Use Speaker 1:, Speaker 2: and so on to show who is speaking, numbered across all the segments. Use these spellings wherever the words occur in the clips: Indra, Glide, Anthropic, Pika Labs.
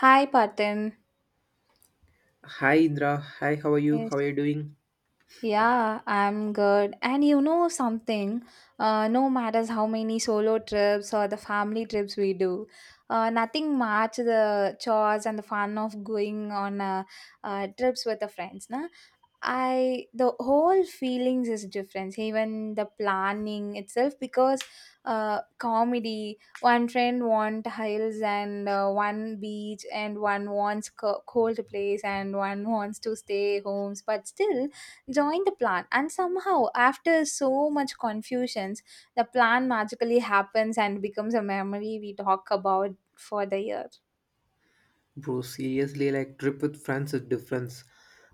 Speaker 1: Hi, Parthen.
Speaker 2: Hi Indra, hi, how are you?
Speaker 1: Yes.
Speaker 2: How are you doing?
Speaker 1: Yeah, I'm good. And you know something, no matters how many solo trips or the family trips we do, nothing match the chores and the fun of going on trips with the friends. Na? I the whole feelings is different. Even the planning itself, because comedy. One friend want hills and one beach, and one wants cold place, and one wants to stay homes. But still, joined the plan and somehow after so much confusions the plan magically happens and becomes a memory we talk about for the year.
Speaker 2: Bro, seriously, like trip with friends is different.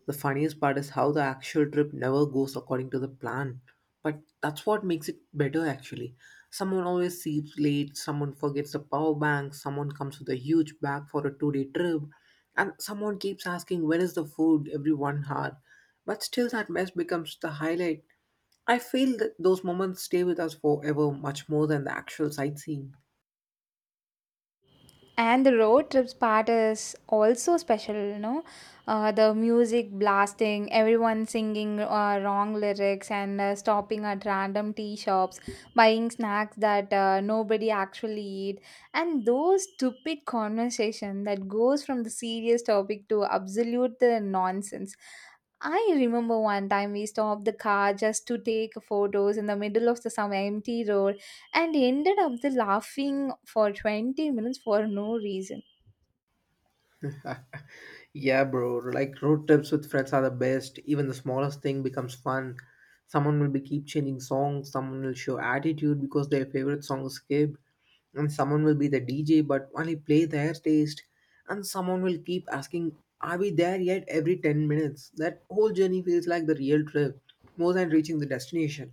Speaker 2: The funniest part is how the actual trip never goes according to the plan. But that's what makes it better actually. Someone always sleeps late, someone forgets the power bank, someone comes with a huge bag for a two-day trip, and someone keeps asking when is the food every one hour. But still that mess becomes the highlight. I feel that those moments stay with us forever much more than the actual sightseeing.
Speaker 1: And the road trips part is also special, you know. The music blasting, everyone singing wrong lyrics, and stopping at random tea shops, buying snacks that nobody actually eat, and those stupid conversation that goes from the serious topic to absolute nonsense. I remember one time we stopped the car just to take photos in the middle of the some empty road and ended up the laughing for 20 minutes for no reason.
Speaker 2: Yeah, bro. Like road trips with friends are the best. Even the smallest thing becomes fun. Someone will be keep changing songs. Someone will show attitude because their favorite song is skipped, and someone will be the DJ but only play their taste, and someone will keep asking, "Are we there yet?" every ten minutes. That whole journey feels like the real trip, more than reaching the destination.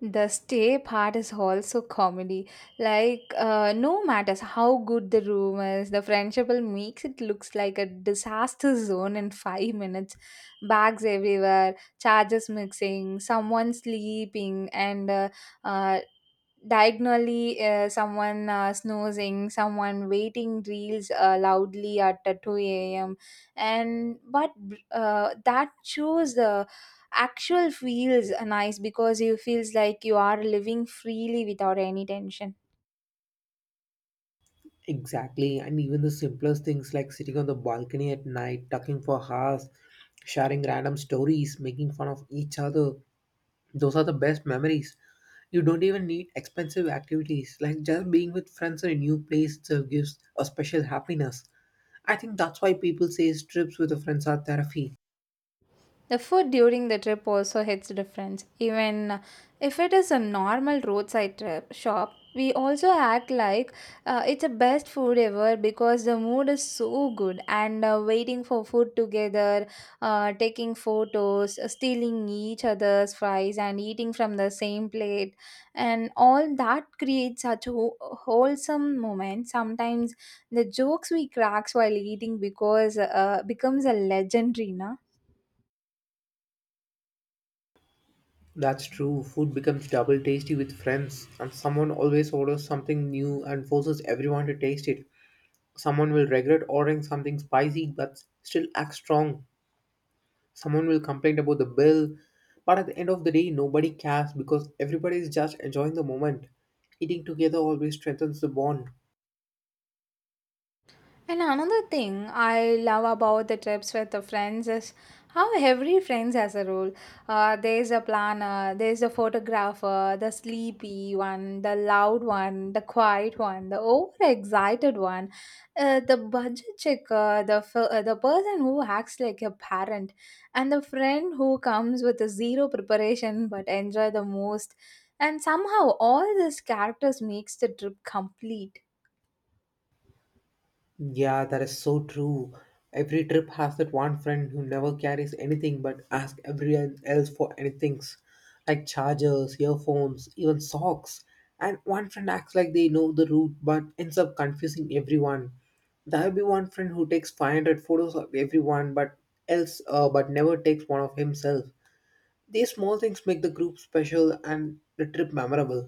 Speaker 1: The stay part is also comedy. Like, no matters how good the room is, the friendship will makes it looks like a disaster zone in 5 minutes. Bags everywhere, charges mixing, someone sleeping, and uh, diagonally, someone snoozing, someone waiting reels loudly at 2 a.m., and but that shows the actual feels nice because you feels like you are living freely without any tension.
Speaker 2: Exactly, and even the simplest things like sitting on the balcony at night, talking for hours, sharing random stories, making fun of each other, those are the best memories. You don't even need expensive activities, like just being with friends in a new place itself gives a special happiness. I think that's why people say trips with the friends are therapy.
Speaker 1: The food during the trip also hits different. Even if it is a normal roadside trip shop, we also act like it's the best food ever because the mood is so good and waiting for food together, taking photos, stealing each other's fries and eating from the same plate, and all that creates such wholesome moment. Sometimes the jokes we cracks while eating because becomes a legendary, na.
Speaker 2: That's true, food becomes double tasty with friends, and someone always orders something new and forces everyone to taste it. Someone will regret ordering something spicy but still act strong. Someone will complain about the bill, but at the end of the day nobody cares because everybody is just enjoying the moment. Eating together always strengthens the bond.
Speaker 1: And another thing I love about the trips with the friends is how every friends has a role. There's a planner, there's a photographer, the sleepy one, the loud one, the quiet one, the overexcited one, the budget checker, the person who acts like a parent, and the friend who comes with a zero preparation but enjoy the most. And somehow all these characters makes the trip complete.
Speaker 2: Yeah, that is so true. Every trip has that one friend who never carries anything but asks everyone else for anything, like chargers, earphones, even socks. And one friend acts like they know the route but ends up confusing everyone. There'll be one friend who takes 500 photos of everyone but else but never takes one of himself. These small things make the group special and the trip memorable.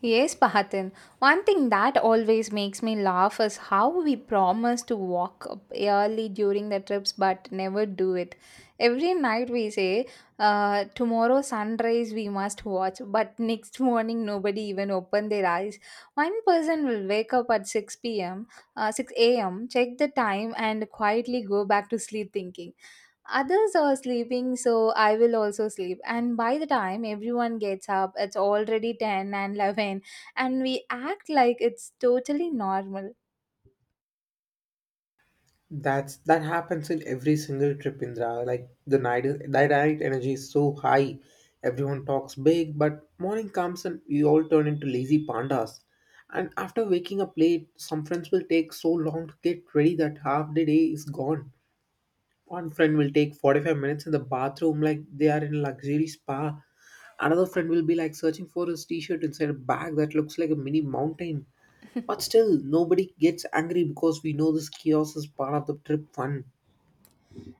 Speaker 1: Yes, Pahatan. One thing that always makes me laugh is how we promise to walk up early during the trips but never do it. Every night we say, tomorrow sunrise we must watch, but next morning nobody even open their eyes. One person will wake up at 6 p.m., 6 a.m., check the time and quietly go back to sleep thinking. Others are sleeping, so I will also sleep. And by the time everyone gets up, it's already 10 and 11, and we act like it's totally normal.
Speaker 2: That's that happens in every single trip, Indra. Like the night energy is so high, everyone talks big, but morning comes and we all turn into lazy pandas. And after waking up late, some friends will take so long to get ready that half the day is gone. One friend will take 45 minutes in the bathroom like they are in a luxury spa. Another friend will be like searching for his t-shirt inside a bag that looks like a mini mountain. But still, nobody gets angry because we know this chaos is part of the trip fun.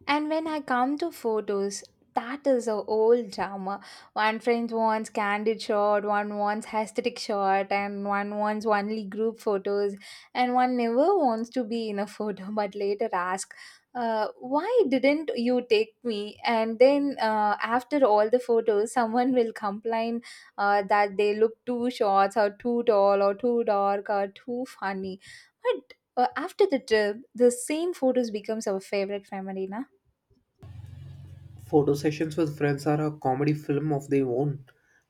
Speaker 1: And when I come to photos, that is a old drama. One friend wants candid shot, one wants aesthetic shot, and one wants only group photos, and one never wants to be in a photo, but later ask, why didn't you take me? And then after all the photos, someone will complain that they look too short, or too tall, or too dark, or too funny. But after the trip, the same photos becomes our favorite memory, na?
Speaker 2: Photo sessions with friends are a comedy film of their own.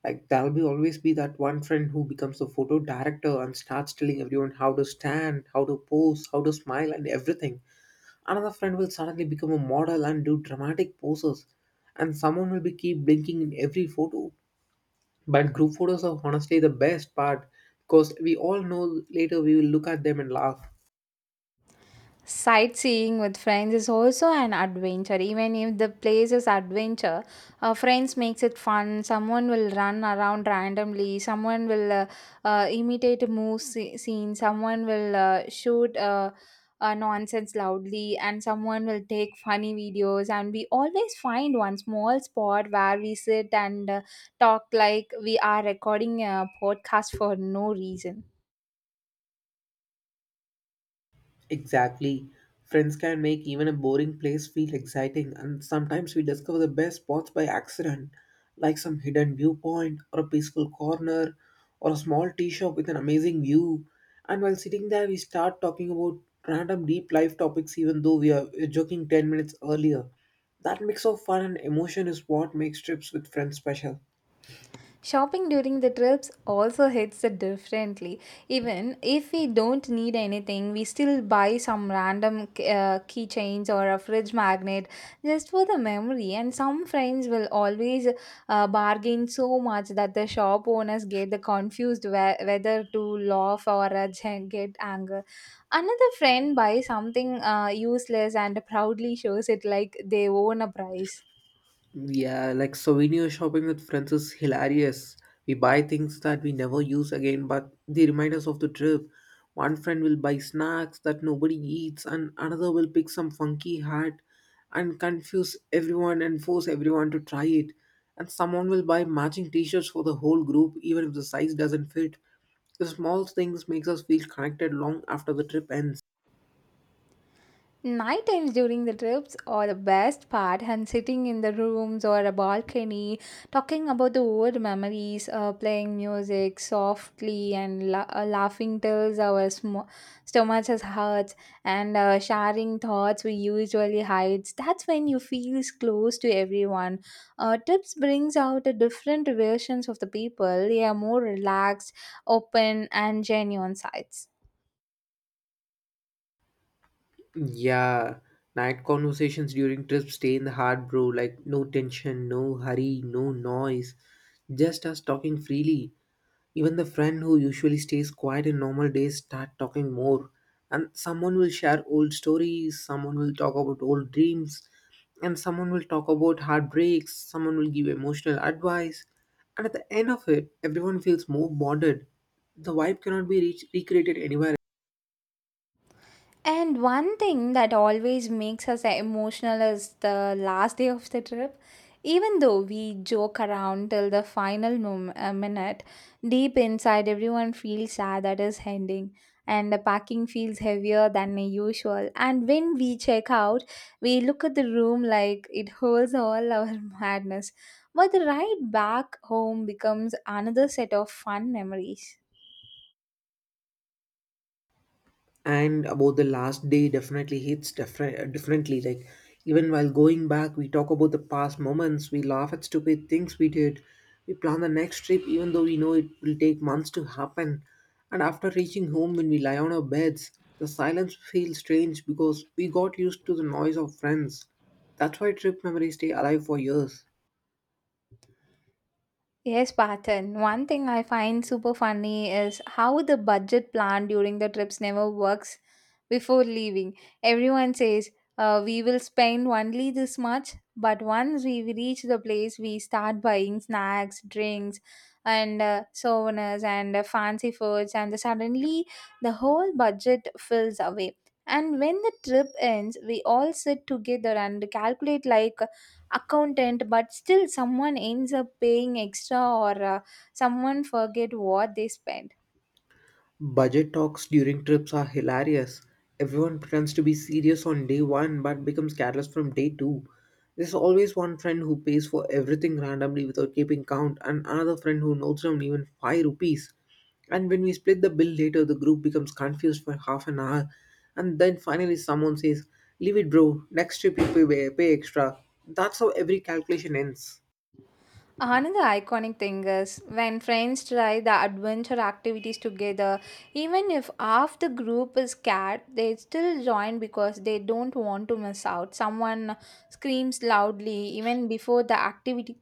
Speaker 2: Like, there'll be always be that one friend who becomes the photo director and starts telling everyone how to stand, how to pose, how to smile, and everything. Another friend will suddenly become a model and do dramatic poses, and someone will be keep blinking in every photo. But group photos are honestly the best part because we all know later we will look at them and laugh.
Speaker 1: Sightseeing with friends is also an adventure. Even if the place is adventure, friends makes it fun. Someone will run around randomly. Someone will imitate scene. Someone will shoot nonsense loudly, and someone will take funny videos. And we always find one small spot where we sit and talk like we are recording a podcast for no reason.
Speaker 2: Exactly. Friends can make even a boring place feel exciting, and sometimes we discover the best spots by accident, like some hidden viewpoint, or a peaceful corner, or a small tea shop with an amazing view. And while sitting there, we start talking about random deep life topics, even though we are joking 10 minutes earlier. That mix of fun and emotion is what makes trips with friends special.
Speaker 1: Shopping during the trips also hits it differently. Even if we don't need anything, we still buy some random keychains or a fridge magnet just for the memory. And some friends will always bargain so much that the shop owners get the confused whether to laugh or get anger. Another friend buys something useless and proudly shows it like they own a prize.
Speaker 2: Yeah, like souvenir shopping with friends is hilarious. We buy things that we never use again, but they remind us of the trip. One friend will buy snacks that nobody eats, and another will pick some funky hat and confuse everyone and force everyone to try it. And someone will buy matching t shirts for the whole group, even if the size doesn't fit. The small things makes us feel connected long after the trip ends.
Speaker 1: Night times during the trips are the best part, and sitting in the rooms or a balcony, talking about the old memories, playing music softly and laughing till our stomachs hurts, and sharing thoughts we usually hide. That's when you feel close to everyone. Trips brings out a different versions of the people. They are more relaxed, open, and genuine sides.
Speaker 2: Yeah, night conversations during trips stay in the heart, bro. Like, no tension, no hurry, no noise. Just us talking freely. Even the friend who usually stays quiet in normal days start talking more. And someone will share old stories, someone will talk about old dreams, and someone will talk about heartbreaks, someone will give emotional advice. And at the end of it, everyone feels more bonded. The vibe cannot be reached, recreated anywhere.
Speaker 1: And one thing that always makes us emotional is the last day of the trip. Even though we joke around till the final minute, deep inside everyone feels sad that is ending, and the packing feels heavier than usual. And when we check out, we look at the room like it holds all our madness. But the ride back home becomes another set of fun memories.
Speaker 2: And about the last day, definitely hits differently. Like even while going back, we talk about the past moments, we laugh at stupid things we did, we plan the next trip even though we know it will take months to happen. And after reaching home, when we lie on our beds, the silence feels strange because we got used to the noise of friends. That's why trip memories stay alive for years.
Speaker 1: Yes, pattern. One thing I find super funny is how the budget plan during the trips never works before leaving. Everyone says, we will spend only this much, but once we reach the place, we start buying snacks, drinks, and souvenirs and fancy foods, and suddenly the whole budget fills away. And when the trip ends, we all sit together and calculate like accountant, but still someone ends up paying extra or someone forget what they spent.
Speaker 2: Budget talks during trips are hilarious. Everyone pretends to be serious on day one but becomes careless from day two. There's always one friend who pays for everything randomly without keeping count, and another friend who notes down even 5 rupees. And when we split the bill later, the group becomes confused for half an hour. And then finally, someone says, "Leave it, bro. Next trip, you pay, pay extra." That's how every calculation ends.
Speaker 1: Another iconic thing is when friends try the adventure activities together, even if half the group is scared they still join because they don't want to miss out. Someone screams loudly even before the activity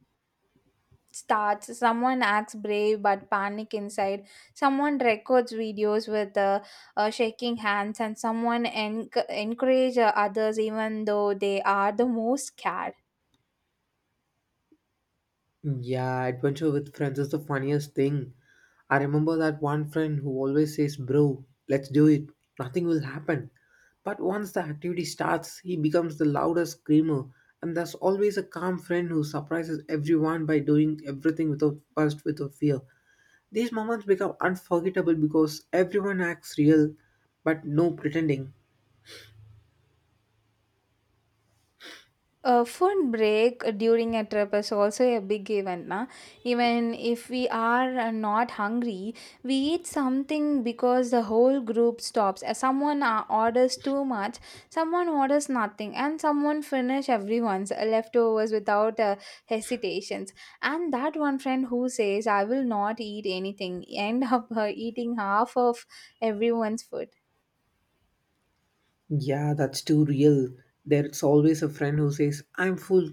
Speaker 1: starts, someone acts brave but panic inside, someone records videos with shaking hands, and someone en encourage others even though they are the most scared.
Speaker 2: Yeah, adventure with friends is the funniest thing. I remember that one friend who always says, "Bro, let's do it. Nothing will happen." But once the activity starts, he becomes the loudest screamer. And there's always a calm friend who surprises everyone by doing everything without first without fear. These moments become unforgettable because everyone acts real, but no pretending.
Speaker 1: A food break during a trip is also a big event. Na? Even if we are not hungry, we eat something because the whole group stops. Someone orders too much, someone orders nothing, and someone finish everyone's leftovers without hesitations. And that one friend who says, I will not eat anything, end up eating half of everyone's food.
Speaker 2: Yeah, that's too real. There's always a friend who says, "I'm full,"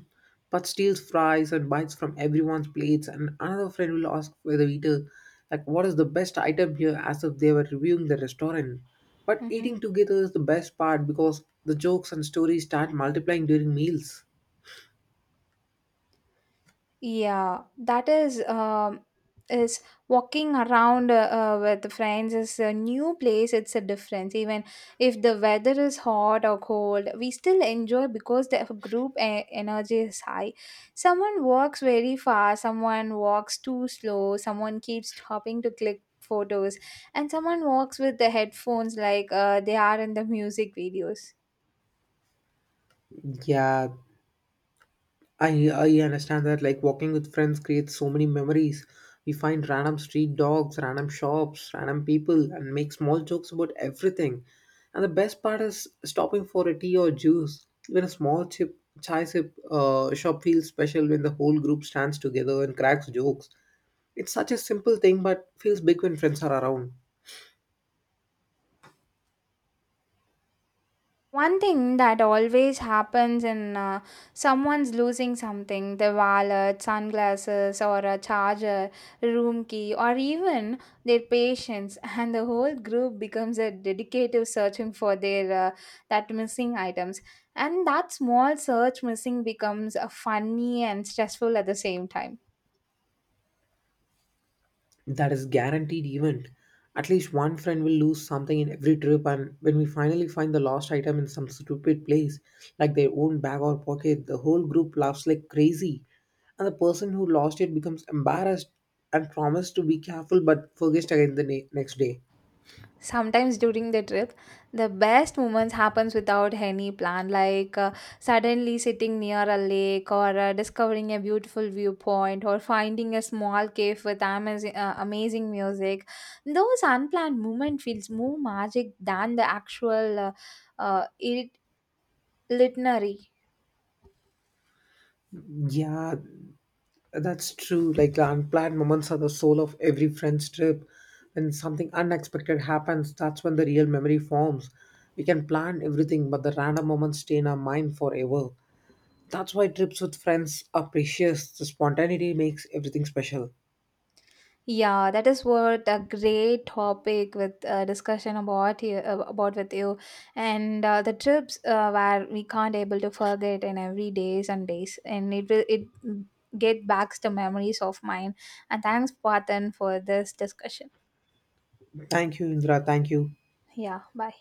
Speaker 2: but steals fries and bites from everyone's plates, and another friend will ask whether eater, like, what is the best item here, as if they were reviewing the restaurant. But
Speaker 1: Mm-hmm.
Speaker 2: eating together is the best part because the jokes and stories start multiplying during meals.
Speaker 1: Yeah, that is walking around with friends is a new place. It's a difference. Even if the weather is hot or cold, we still enjoy because the group energy is high. Someone walks very fast, someone walks too slow, someone keeps stopping to click photos, and someone walks with the headphones like they are in the music videos.
Speaker 2: Yeah, I understand that, like walking with friends creates so many memories. We find random street dogs, random shops, random people, and make small jokes about everything. And the best part is stopping for a tea or juice. Even a small chip chai sip shop feels special when the whole group stands together and cracks jokes. It's such a simple thing, but feels big when friends are around.
Speaker 1: One thing that always happens in, someone's losing something, their wallet, sunglasses, or a charger, room key, or even their patience, and the whole group becomes a dedicated searching for their that missing items. And that small search missing becomes funny and stressful at the same time.
Speaker 2: That is guaranteed event. At least one friend will lose something in every trip, and when we finally find the lost item in some stupid place, like their own bag or pocket, the whole group laughs like crazy. And the person who lost it becomes embarrassed and promised to be careful but forgets again the next day.
Speaker 1: Sometimes during the trip the best moments happens without any plan, like suddenly sitting near a lake or discovering a beautiful viewpoint or finding a small cave with amazing, amazing music. Those unplanned moments feels more magic than the actual uh, it- itinerary.
Speaker 2: Yeah, that's true. Like the unplanned moments are the soul of every friend's trip. When something unexpected happens, that's when the real memory forms. We can plan everything, but the random moments stay in our mind forever. That's why trips with friends are precious. The spontaneity makes everything special.
Speaker 1: Yeah, that is what a great topic with discussion about you, about with you, and the trips where we can't able to forget in every days and days, and it will it get back the memories of mine. And thanks, Patan, for this discussion.
Speaker 2: Thank you, Indra. Thank you.
Speaker 1: Yeah, bye.